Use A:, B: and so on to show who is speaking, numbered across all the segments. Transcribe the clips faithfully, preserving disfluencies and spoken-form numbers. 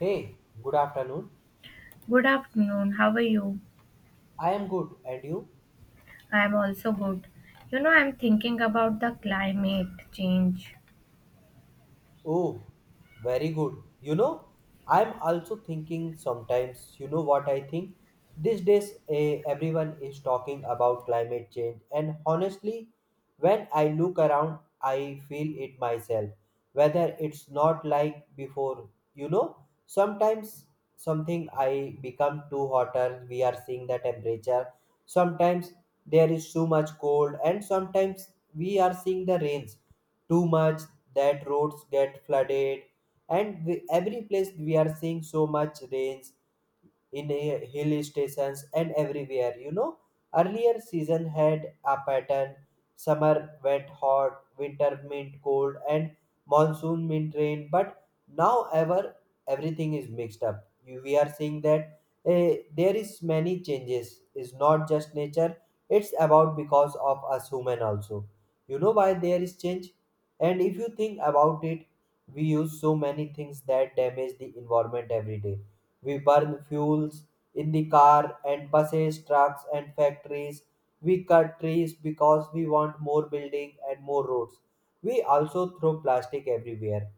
A: Hey, good afternoon.
B: Good afternoon. How are you?
A: I am good, and you?
B: I'm also good. You know, I'm thinking about the climate change.
A: Oh, very good. You know, I'm also thinking sometimes, you know what I think? These days, eh, everyone is talking about climate change, and honestly, when I look around, I feel it myself. Whether it's not like before, you know, sometimes something I become too hotter, we are seeing the temperature. Sometimes there is too much cold, and sometimes we are seeing the rains too much that roads get flooded and we, every place we are seeing so much rains in a hill stations and everywhere, you know, earlier season had a pattern, summer wet hot, winter meant cold, and monsoon meant rain, but now ever everything is mixed up. You- we are seeing that eh, there is many changes. It's not just nature, it's about because of us human also. You know why there is change, and if you think about it, we use so many things that damage the environment every day. We burn fuels in the car and buses, trucks, and factories. We cut trees because we want more building and more roads. We also throw plastic everywhere.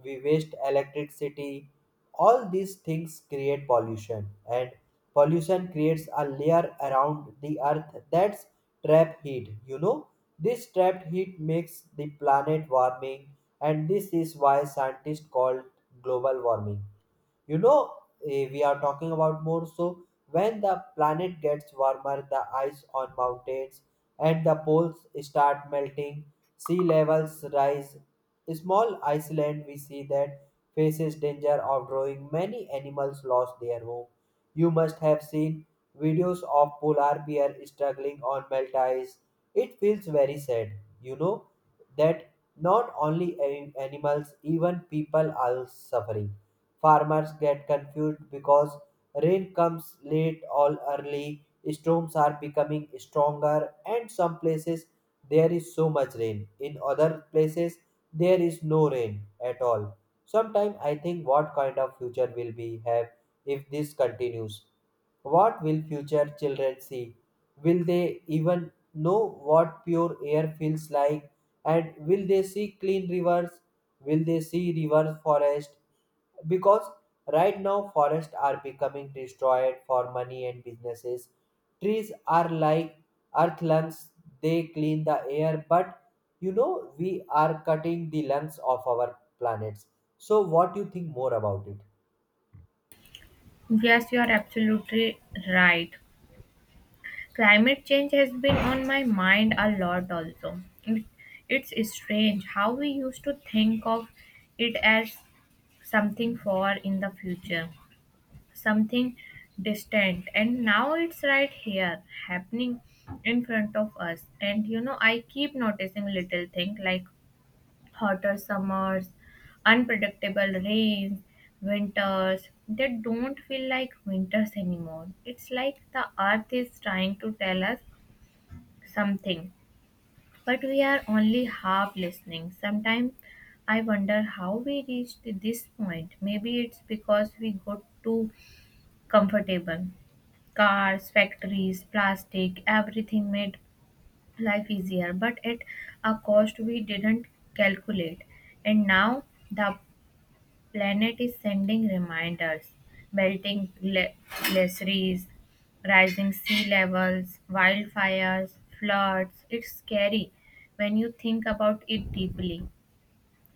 A: We waste electricity. All these things create pollution, and pollution creates a layer around the earth that's trap heat. You know, this trapped heat makes the planet warming, and this is why scientists call global warming. You know, eh, we are talking about more. So when the planet gets warmer, the ice on mountains and the poles start melting, sea levels rise. Small Iceland, we see that faces danger of growing. Many animals lost their home. You must have seen videos of polar bear struggling on melt ice. It feels very sad, you know, that not only a- animals, even people are suffering. Farmers get confused because rain comes late or early, storms are becoming stronger, and some places there is so much rain. In other places, there is no rain at all. Sometimes I think what kind of future will we have if this continues? What will future children see? Will they even know what pure air feels like? And will they see clean rivers? Will they see reverse forest, because right now forests are becoming destroyed for money and businesses. Trees are like earth lungs, they clean the air, but you know, we are cutting the lungs of our planets. So what do you think more about it?
B: Yes, you are absolutely right. Climate change has been on my mind a lot also. It- It's strange how we used to think of it as something far in the future, something distant, and now it's right here happening in front of us. And you know, I keep noticing little things like hotter summers, unpredictable rains, winters they don't feel like winters anymore. It's like the earth is trying to tell us something, but we are only half listening. Sometimes I wonder how we reached this point. Maybe it's because we got too comfortable. Cars, factories, plastic, everything made life easier, but at a cost we didn't calculate. And now the Planet is sending reminders, melting gla- glaciers, rising sea levels, wildfires, floods. It's scary when you think about it deeply.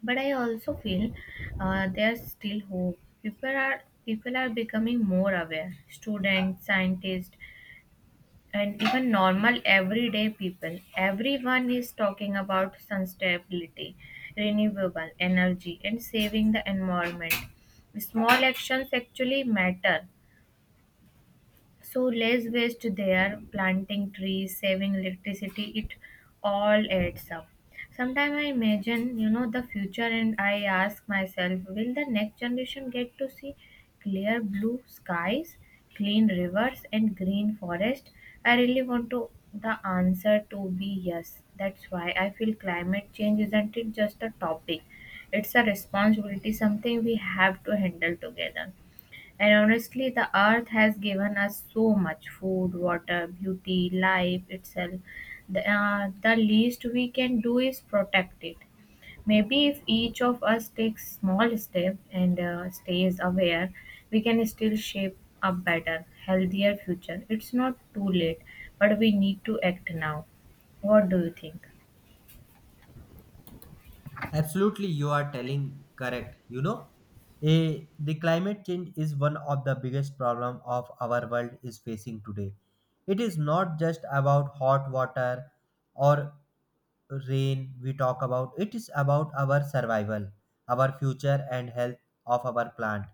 B: But I also feel uh, there's still hope. People are people are becoming more aware. Students, scientists, and even normal everyday people, everyone is talking about sustainability, renewable energy, and saving the environment. Small actions actually matter, so less waste there, planting trees, saving electricity, it all adds up. Sometimes I imagine, you know, the future, and I ask myself, will the next generation get to see clear blue skies, clean rivers, and green forest? I really want to the answer to be yes. That's why I feel climate change isn't it just a topic. It's a responsibility, something we have to handle together. And honestly, the earth has given us so much, food, water, beauty, life itself. The, uh, the least we can do is protect it. Maybe if each of us takes small step and uh, stays aware, we can still shape a better, healthier future. It's not too late, but we need to act now. What do you think?
A: Absolutely, you are telling correct. You know, a, the climate change is one of the biggest problem of our world is facing today. It is not just about hot water or rain we talk about. It is about our survival, our future and health of our plant.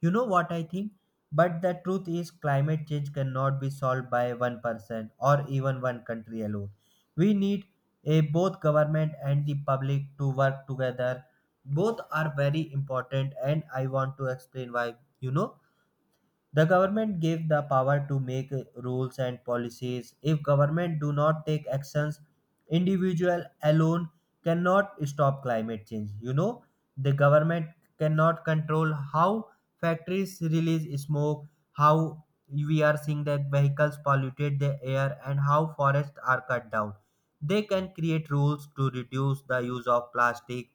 A: You know what I think? But the truth is climate change cannot be solved by one person or even one country alone. We need eh, both government and the public to work together. Both are very important, and I want to explain why. You know, the government gave the power to make uh, rules and policies. If government do not take actions, individual alone cannot stop climate change. You know, the government cannot control how factories release smoke, how we are seeing that vehicles polluted the air and how forests are cut down. They can create rules to reduce the use of plastic,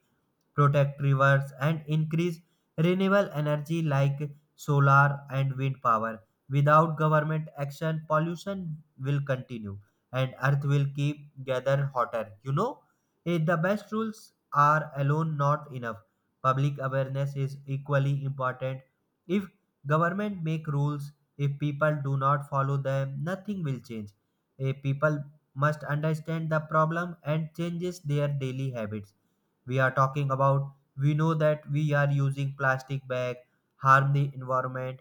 A: protect rivers, and increase renewable energy like solar and wind power. Without government action, pollution will continue and earth will keep getting hotter. You know, eh, the best rules are alone not enough. Public awareness is equally important. If government make rules, if people do not follow them, nothing will change. Eh, people must understand the problem and changes their daily habits. We are talking about, we know that we are using plastic bag harm the environment,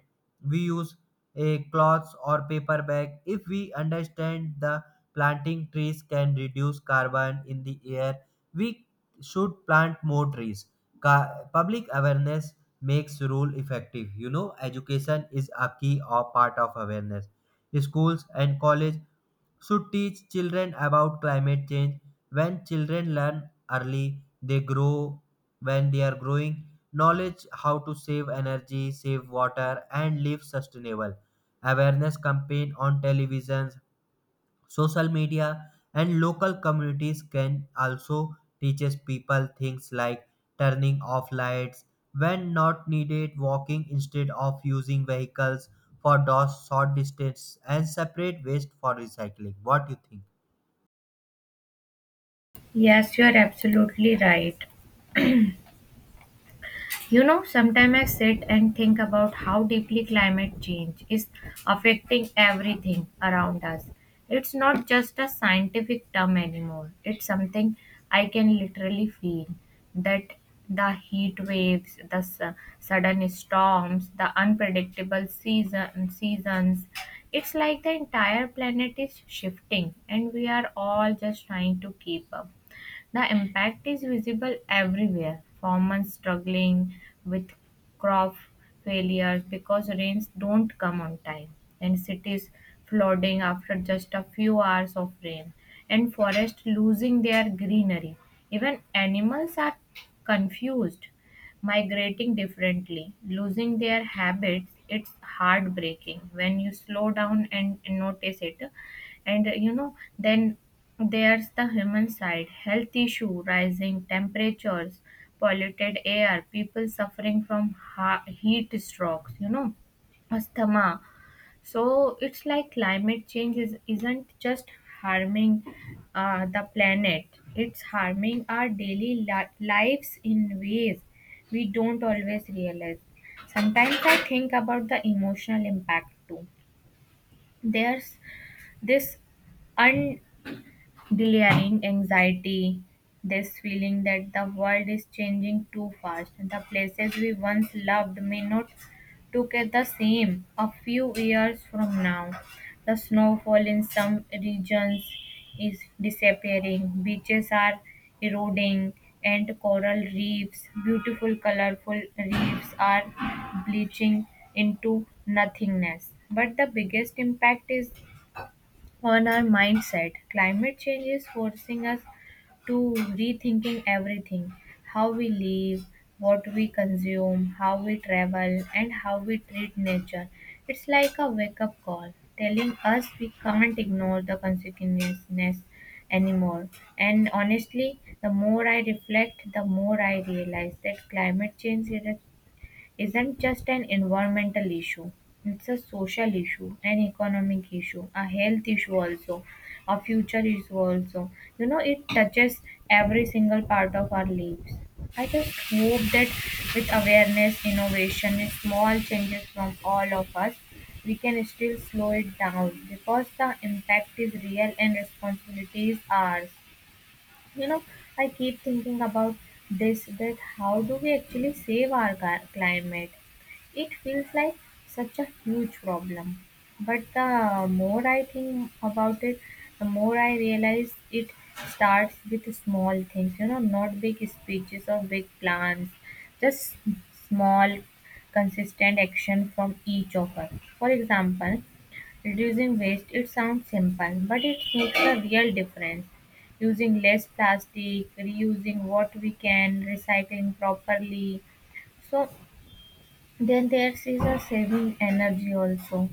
A: we use a cloth or paper bag. If we understand the planting trees can reduce carbon in the air, we should plant more trees. Ca- public awareness makes rule effective. You know, education is a key or part of awareness. Schools and college should teach children about climate change. When children learn early, they grow, when they are growing knowledge how to save energy, save water, and live sustainable. Awareness campaign on televisions, social media and local communities can also teaches people things like turning off lights when not needed, walking instead of using vehicles for those short distance, and separate waste for recycling. What do you think?
B: Yes, you are absolutely right. You know, sometimes I sit and think about how deeply climate change is affecting everything around us. It's not just a scientific term anymore, it's something I can literally feel, that the heat waves, the su- sudden storms, the unpredictable season, seasons. It's like the entire planet is shifting, and we are all just trying to keep up. The impact is visible everywhere. Farmers struggling with crop failures because rains don't come on time, and cities flooding after just a few hours of rain, and forests losing their greenery. Even animals are confused, migrating differently, losing their habits. It's heartbreaking when you slow down and notice it. And uh, you know, then there's the human side, health issue, rising temperatures, polluted air, people suffering from ha- heat strokes, you know, asthma. So it's like climate change is, isn't just harming uh, the planet, it's harming our daily li- lives in ways we don't always realize. Sometimes I think about the emotional impact too. There's this delaying anxiety, this feeling that the world is changing too fast. The places we once loved may not look at the same a few years from now. The snowfall in some regions is disappearing, beaches are eroding, and coral reefs, beautiful colorful reefs, are bleaching into nothingness. But the biggest impact is on our mindset. Climate change is forcing us to rethinking everything, how we live, what we consume, how we travel, and how we treat nature. It's like a wake up call telling us we can't ignore the consequences anymore. And honestly, the more I reflect, the more I realize that climate change is isn't just an environmental issue. It's a social issue, an economic issue, a health issue also, a future issue also. You know, it touches every single part of our lives. I just hope that with awareness, innovation, and small changes from all of us, we can still slow it down, because the impact is real and responsibility is ours. You know, I keep thinking about this, that how do we actually save our ga- climate. It feels like such a huge problem, but the more I think about it, the more I realize it starts with small things, you know, not big speeches or big plans, just small consistent action from each of us. For example, reducing waste, it sounds simple, but it makes a real difference, using less plastic, reusing what we can, recycling properly. So then there is a saving energy also,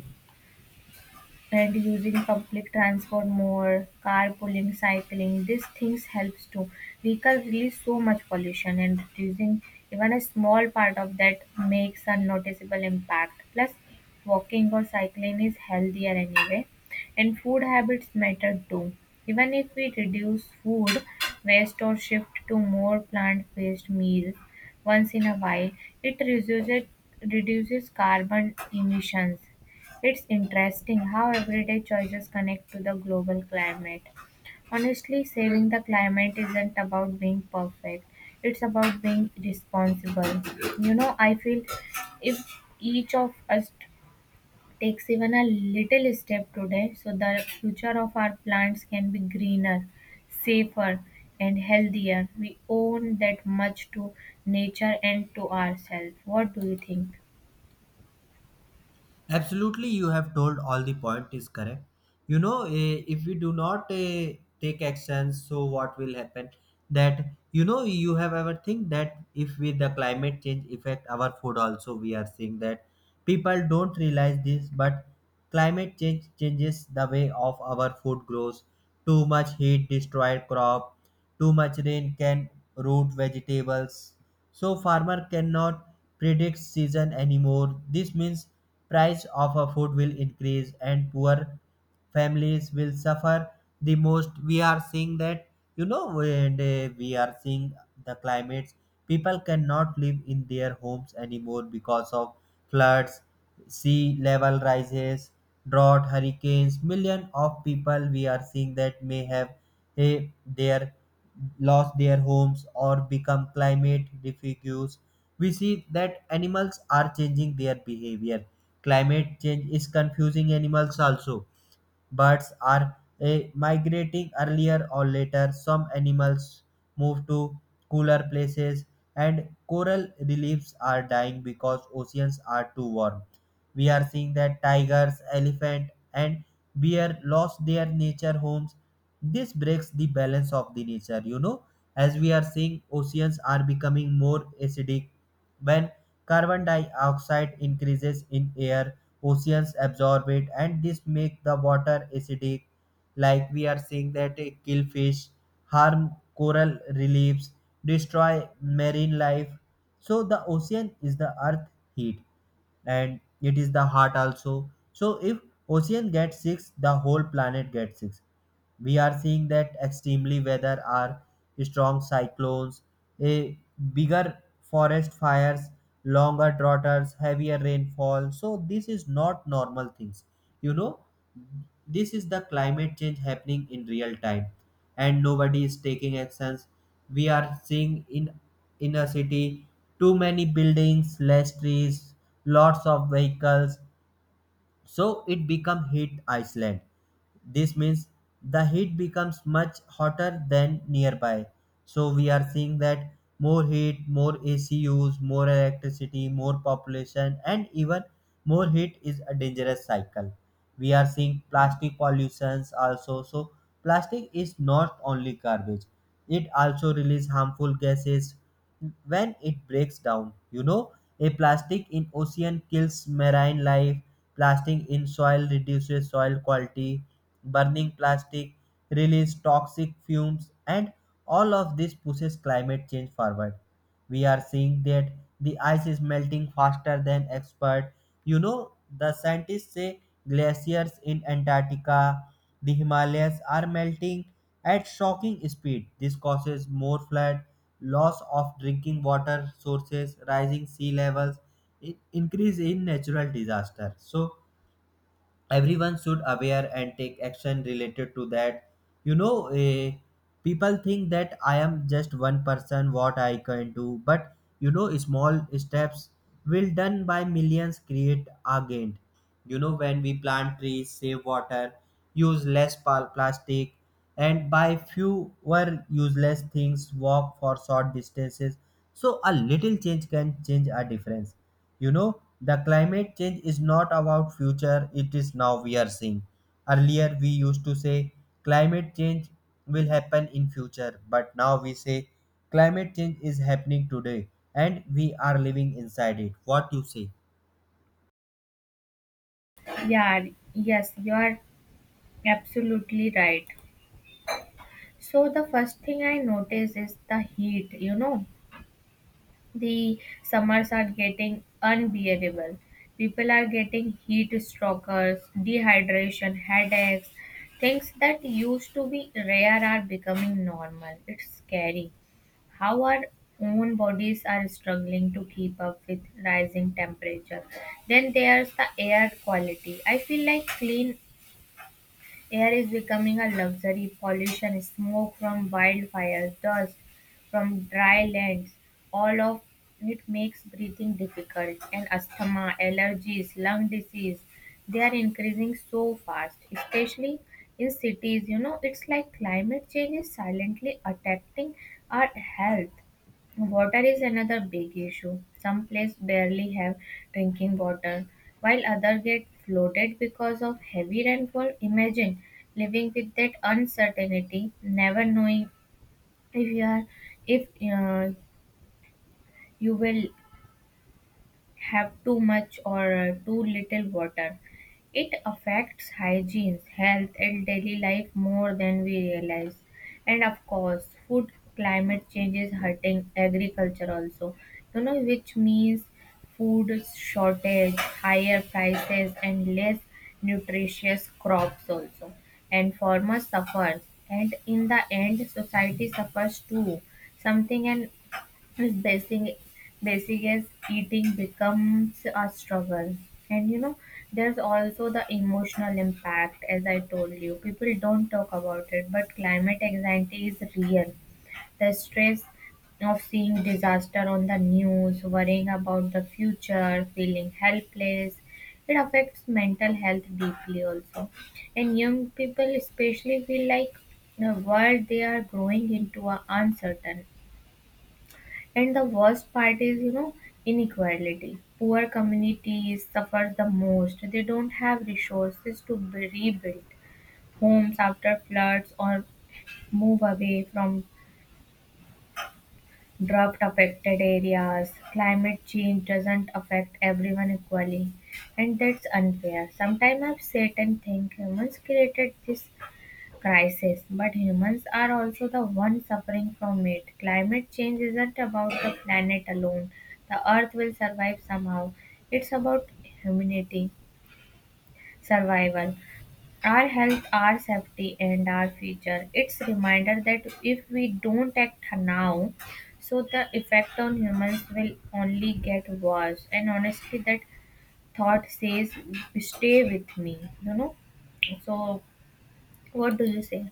B: and using public transport more, carpooling, cycling, these things helps to vehicle release so much pollution, and reducing even a small part of that makes a noticeable impact. Plus, walking or cycling is healthier anyway, and food habits matter too. Even if we reduce food waste or shift to more plant-based meals once in a while, it reduces reduces carbon emissions. It's interesting how everyday choices connect to the global climate. Honestly, saving the climate isn't about being perfect, it's about being responsible. You know, I feel if each of us takes even a little step today, so the future of our plants can be greener, safer, and healthier, we own that much to nature and to ourselves. What do you think?
A: Absolutely, you have told all the point is correct. You know, eh, if we do not, eh, take actions, so what will happen, that you know, you have ever think that if with the climate change effect our food also, we are seeing that. People don't realize this, but climate change changes the way of our food grows. Too much heat destroys crop. Too much rain can root vegetables. So farmer cannot predict season anymore. This means price of a food will increase and poor families will suffer the most. We are seeing that, you know, when they- we are seeing the climates, people cannot live in their homes anymore because of floods, sea level rises, drought, hurricanes. Million of people, we are seeing that may have a their lost their homes or become climate refugees. We see that animals are changing their behavior. Climate change is confusing animals also. Birds are eh, migrating earlier or later. Some animals move to cooler places, and coral reefs are dying because oceans are too warm. We are seeing that tigers, elephant, and bear lost their nature homes. This breaks the balance of the nature. You know, as we are seeing, oceans are becoming more acidic. When carbon dioxide increases in air, oceans absorb it, and this make the water acidic. Like we are seeing that it kill fish, harm coral reliefs, destroy marine life. So the ocean is the earth heat, and it is the heart also. So if ocean gets sick, the whole planet gets sick. We are seeing that extremely weather are strong cyclones, a bigger forest fires, longer droughts, heavier rainfall. So this is not normal things. You know, this is the climate change happening in real time, and nobody is taking actions. We are seeing in in a city too many buildings, less trees, lots of vehicles, so it become heat island. This means the heat becomes much hotter than nearby. So we are seeing that more heat, more ac use, more electricity, more population, and even more heat is a dangerous cycle. We are seeing plastic pollutions also. So plastic is not only garbage, it also release harmful gases when it breaks down. You know, a plastic in ocean kills marine life. Plastic in soil reduces soil quality. Burning plastic releases toxic fumes, and all of this pushes climate change forward. We are seeing that the ice is melting faster than expert. You know, the scientists say glaciers in Antarctica, the Himalayas are melting at shocking speed. This causes more flood, loss of drinking water sources, rising sea levels, in- increase in natural disaster. So everyone should aware and take action related to that. You know, eh, people think that I am just one person, what I can do, but you know, small steps will done by millions create again. You know, when we plant trees, save water, use less pal- plastic, and buy fewer useless things, walk for short distances, so a little change can change a difference. You know, the climate change is not about future, it is now, we are seeing. Earlier we used to say climate change will happen in future, but now we say climate change is happening today, and we are living inside it. What you say?
B: Yeah, yes, you are absolutely right. So the first thing I notice is the heat, you know. The summers are getting unbearable. People are getting heat strokes, dehydration, headaches. Things that used to be rare are becoming normal. It's scary how our own bodies are struggling to keep up with rising temperature. Then there's the air quality. I feel like clean air is becoming a luxury. Pollution, smoke from wildfires, dust from dry lands, all of it makes breathing difficult. And asthma, allergies, lung disease, they are increasing so fast, especially in cities. You know, it's like climate change is silently attacking our health. Water is another big issue. Some places barely have drinking water, while others get flooded because of heavy rainfall. Imagine living with that uncertainty, never knowing if you are if uh, you will have too much or uh, too little water. It affects hygiene, health, and daily life more than we realize. And of course, food, climate change is hurting agriculture also. You know, which means food shortage, higher prices, and less nutritious crops also. And farmers suffer, and in the end, society suffers too. Something and is basic basic as eating becomes a struggle. And you know, there's also the emotional impact, as I told you, people don't talk about it, but climate anxiety is real. The stress of seeing disaster on the news, worrying about the future, feeling helpless, it affects mental health deeply also. And young people especially feel like the world they are growing into are uncertain. And the worst part is, you know, inequality. Poor communities suffer the most. They don't have resources to b- rebuild homes after floods or move away from drought affected areas. Climate change doesn't affect everyone equally, and that's unfair. Sometimes I've sat and think, humans created this crisis, but humans are also the ones suffering from it. Climate change isn't about the planet alone. The earth will survive somehow. It's about humanity, survival, our health, our safety, and our future. It's reminder that if we don't act now, so the effect on humans will only get worse. And honestly, that thought says, stay with me, you know. So, what do you say?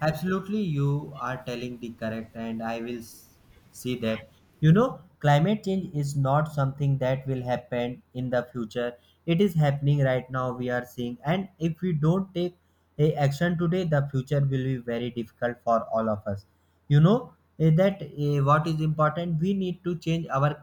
A: Absolutely, you are telling the correct, and I will s- see that. You know, climate change is not something that will happen in the future. It is happening right now. We are seeing, and if we don't take a action today, the future will be very difficult for all of us. You know, eh, that eh, what is important. We need to change our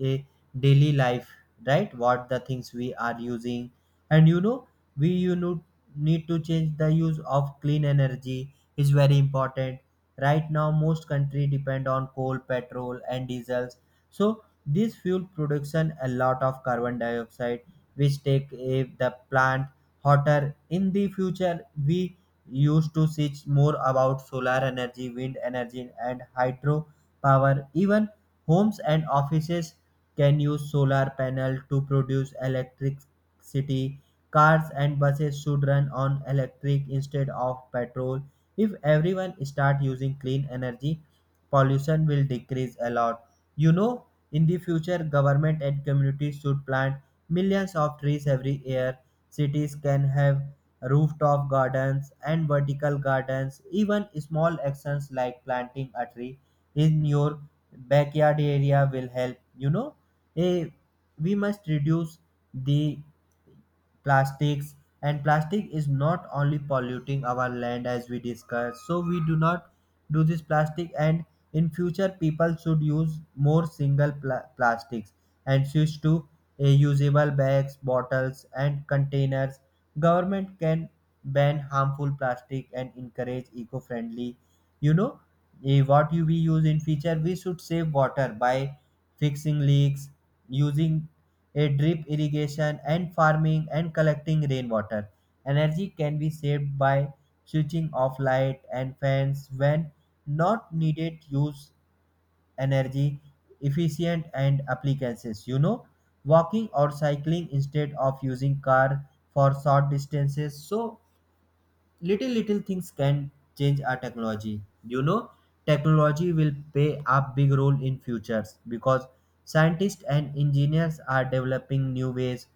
A: a daily life, right, what the things we are using. And you know, we, you know, need to change, the use of clean energy is very important. Right now most country depend on coal, petrol and diesels. So this fuel production a lot of carbon dioxide, which take, eh, the plant hotter in the future. We used to search more about solar energy, wind energy, and hydro power. Even homes and offices can use solar panels to produce electricity. Cars and buses should run on electric instead of petrol. If everyone start using clean energy, pollution will decrease a lot. You know, in the future, government and communities should plant millions of trees every year. Cities can have rooftop gardens and vertical gardens. Even small actions like planting a tree in your backyard area will help. You know, Eh, we must reduce the plastics, and plastic is not only polluting our land as we discussed. So we do not do this plastic, and in future people should use more single pla- plastics and switch to uh, usable bags, bottles and containers. Government can ban harmful plastic and encourage eco-friendly. You know, eh, what you we use in future, we should save water by fixing leaks, using a drip irrigation and farming and collecting rainwater. Energy can be saved by switching off light and fans when not needed, use energy efficient and appliances. You know, walking or cycling instead of using car for short distances, so little little things can change our technology. You know, technology will play a big role in futures, because scientists and engineers are developing new ways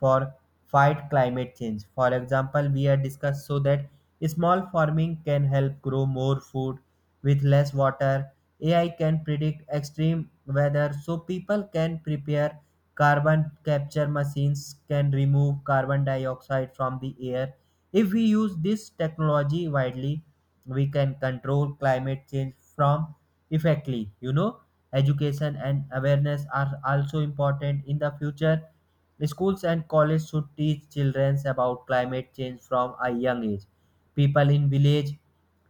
A: for fight climate change. For example, we are discussed so that small farming can help grow more food with less water, A I can predict extreme weather so people can prepare. Carbon capture machines can remove carbon dioxide from the air. If we use this technology widely, we can control climate change from effectively. You know, education and awareness are also important in the future. Schools and colleges should teach children about climate change from a young age. People in village,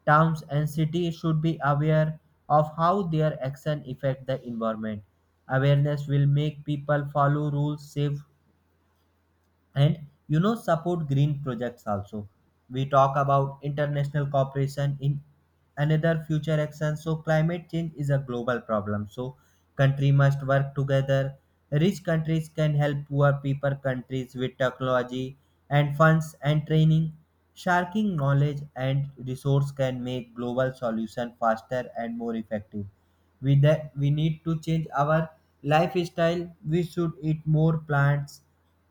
A: towns and cities should be aware of how their actions affect the environment. Awareness will make people follow rules safe, and you know, support green projects also. We talk about international cooperation in another future action. So climate change is a global problem, so country must work together. Rich countries can help poor people countries with technology and funds and training. Sharking knowledge and resource can make global solution faster and more effective. With that, we need to change our lifestyle. We should eat more plants,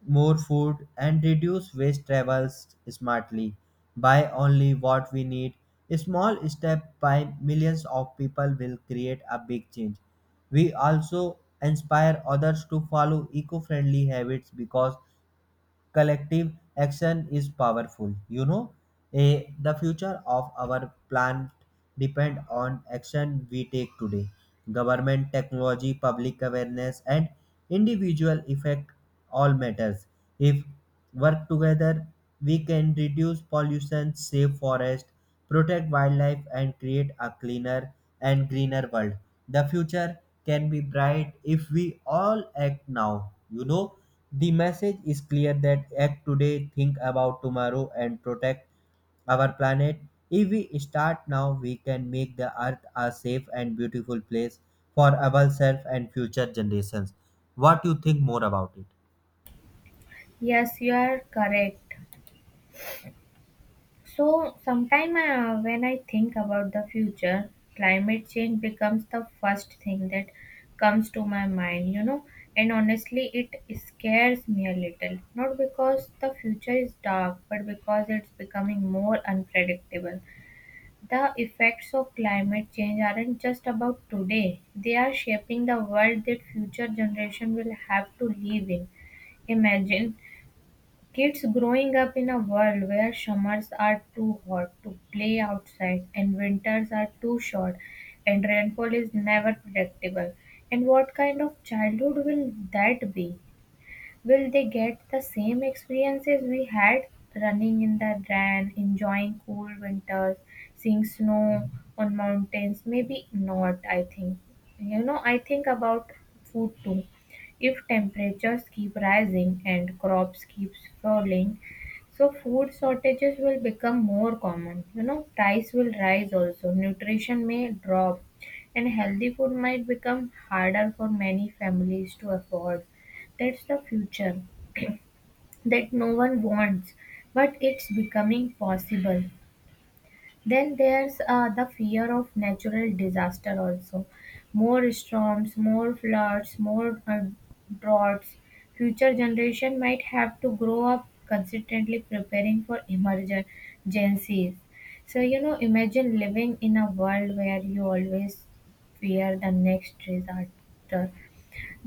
A: more food and reduce waste, travels smartly. Buy only what we need. A small step by millions of people will create a big change. We also inspire others to follow eco-friendly habits because collective action is powerful. You know, Eh, the future of our planet depend on action we take today. Government, technology, public awareness, and individual effect all matters. If work together, we can reduce pollution, save forests, protect wildlife, and create a cleaner and greener world. The future can be bright if we all act now. You know, the message is clear that act today, think about tomorrow, and protect our planet. If we start now, we can make the earth a safe and beautiful place for ourselves and future generations. What you think more about it?
B: Yes, you are correct. So, sometime uh, when I think about the future, climate change becomes the first thing that comes to my mind, you know. And honestly, it scares me a little. Not because the future is dark, but because it's becoming more unpredictable. The effects of climate change aren't just about today, they are shaping the world that future generation will have to live in. Imagine kids growing up in a world where summers are too hot to play outside, and winters are too short, and rainfall is never predictable. And what kind of childhood will that be? Will they get the same experiences we had, running in the rain, enjoying cool winters, seeing snow on mountains? Maybe not, I think. You know, I think about food too. If temperatures keep rising and crops keep falling, so food shortages will become more common. You know, price will rise also. Nutrition may drop, and healthy food might become harder for many families to afford. That's the future that no one wants, but it's becoming possible. Then there's uh, the fear of natural disaster also. More storms, more floods, more uh, droughts. Future generation might have to grow up consistently preparing for emergencies. So you know, imagine living in a world where you always fear the next disaster,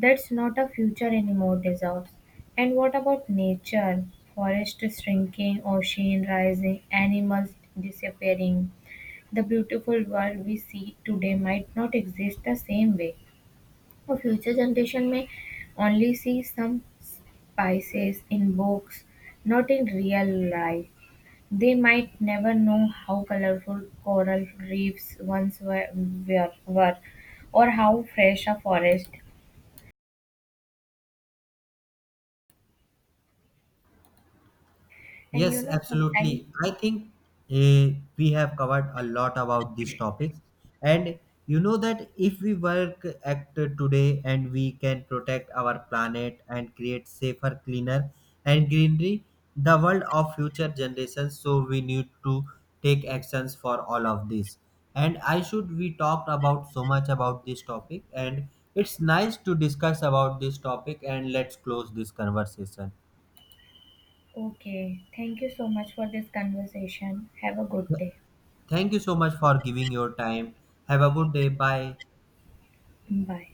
B: that's not a future anymore, deserves. And what about nature? Forests shrinking, ocean rising, animals disappearing. The beautiful world we see today might not exist the same way. A future generation may only see some spices in books, not in real life. They might never know how colorful coral reefs once were, were, were or how fresh a forest. And you
A: Yes,
B: know, sometimes...
A: absolutely. I think uh, we have covered a lot about these topics. And you know that if we work act today, and we can protect our planet and create safer, cleaner, and greenery, the world of future generations. So we need to take actions for all of this. And I should we talked about so much about this topic. And it's nice to discuss about this topic. And let's close this conversation.
B: Okay, thank you so much for this conversation. Have a good day.
A: Thank you so much for giving your time. Have a good day. Bye.
B: Bye.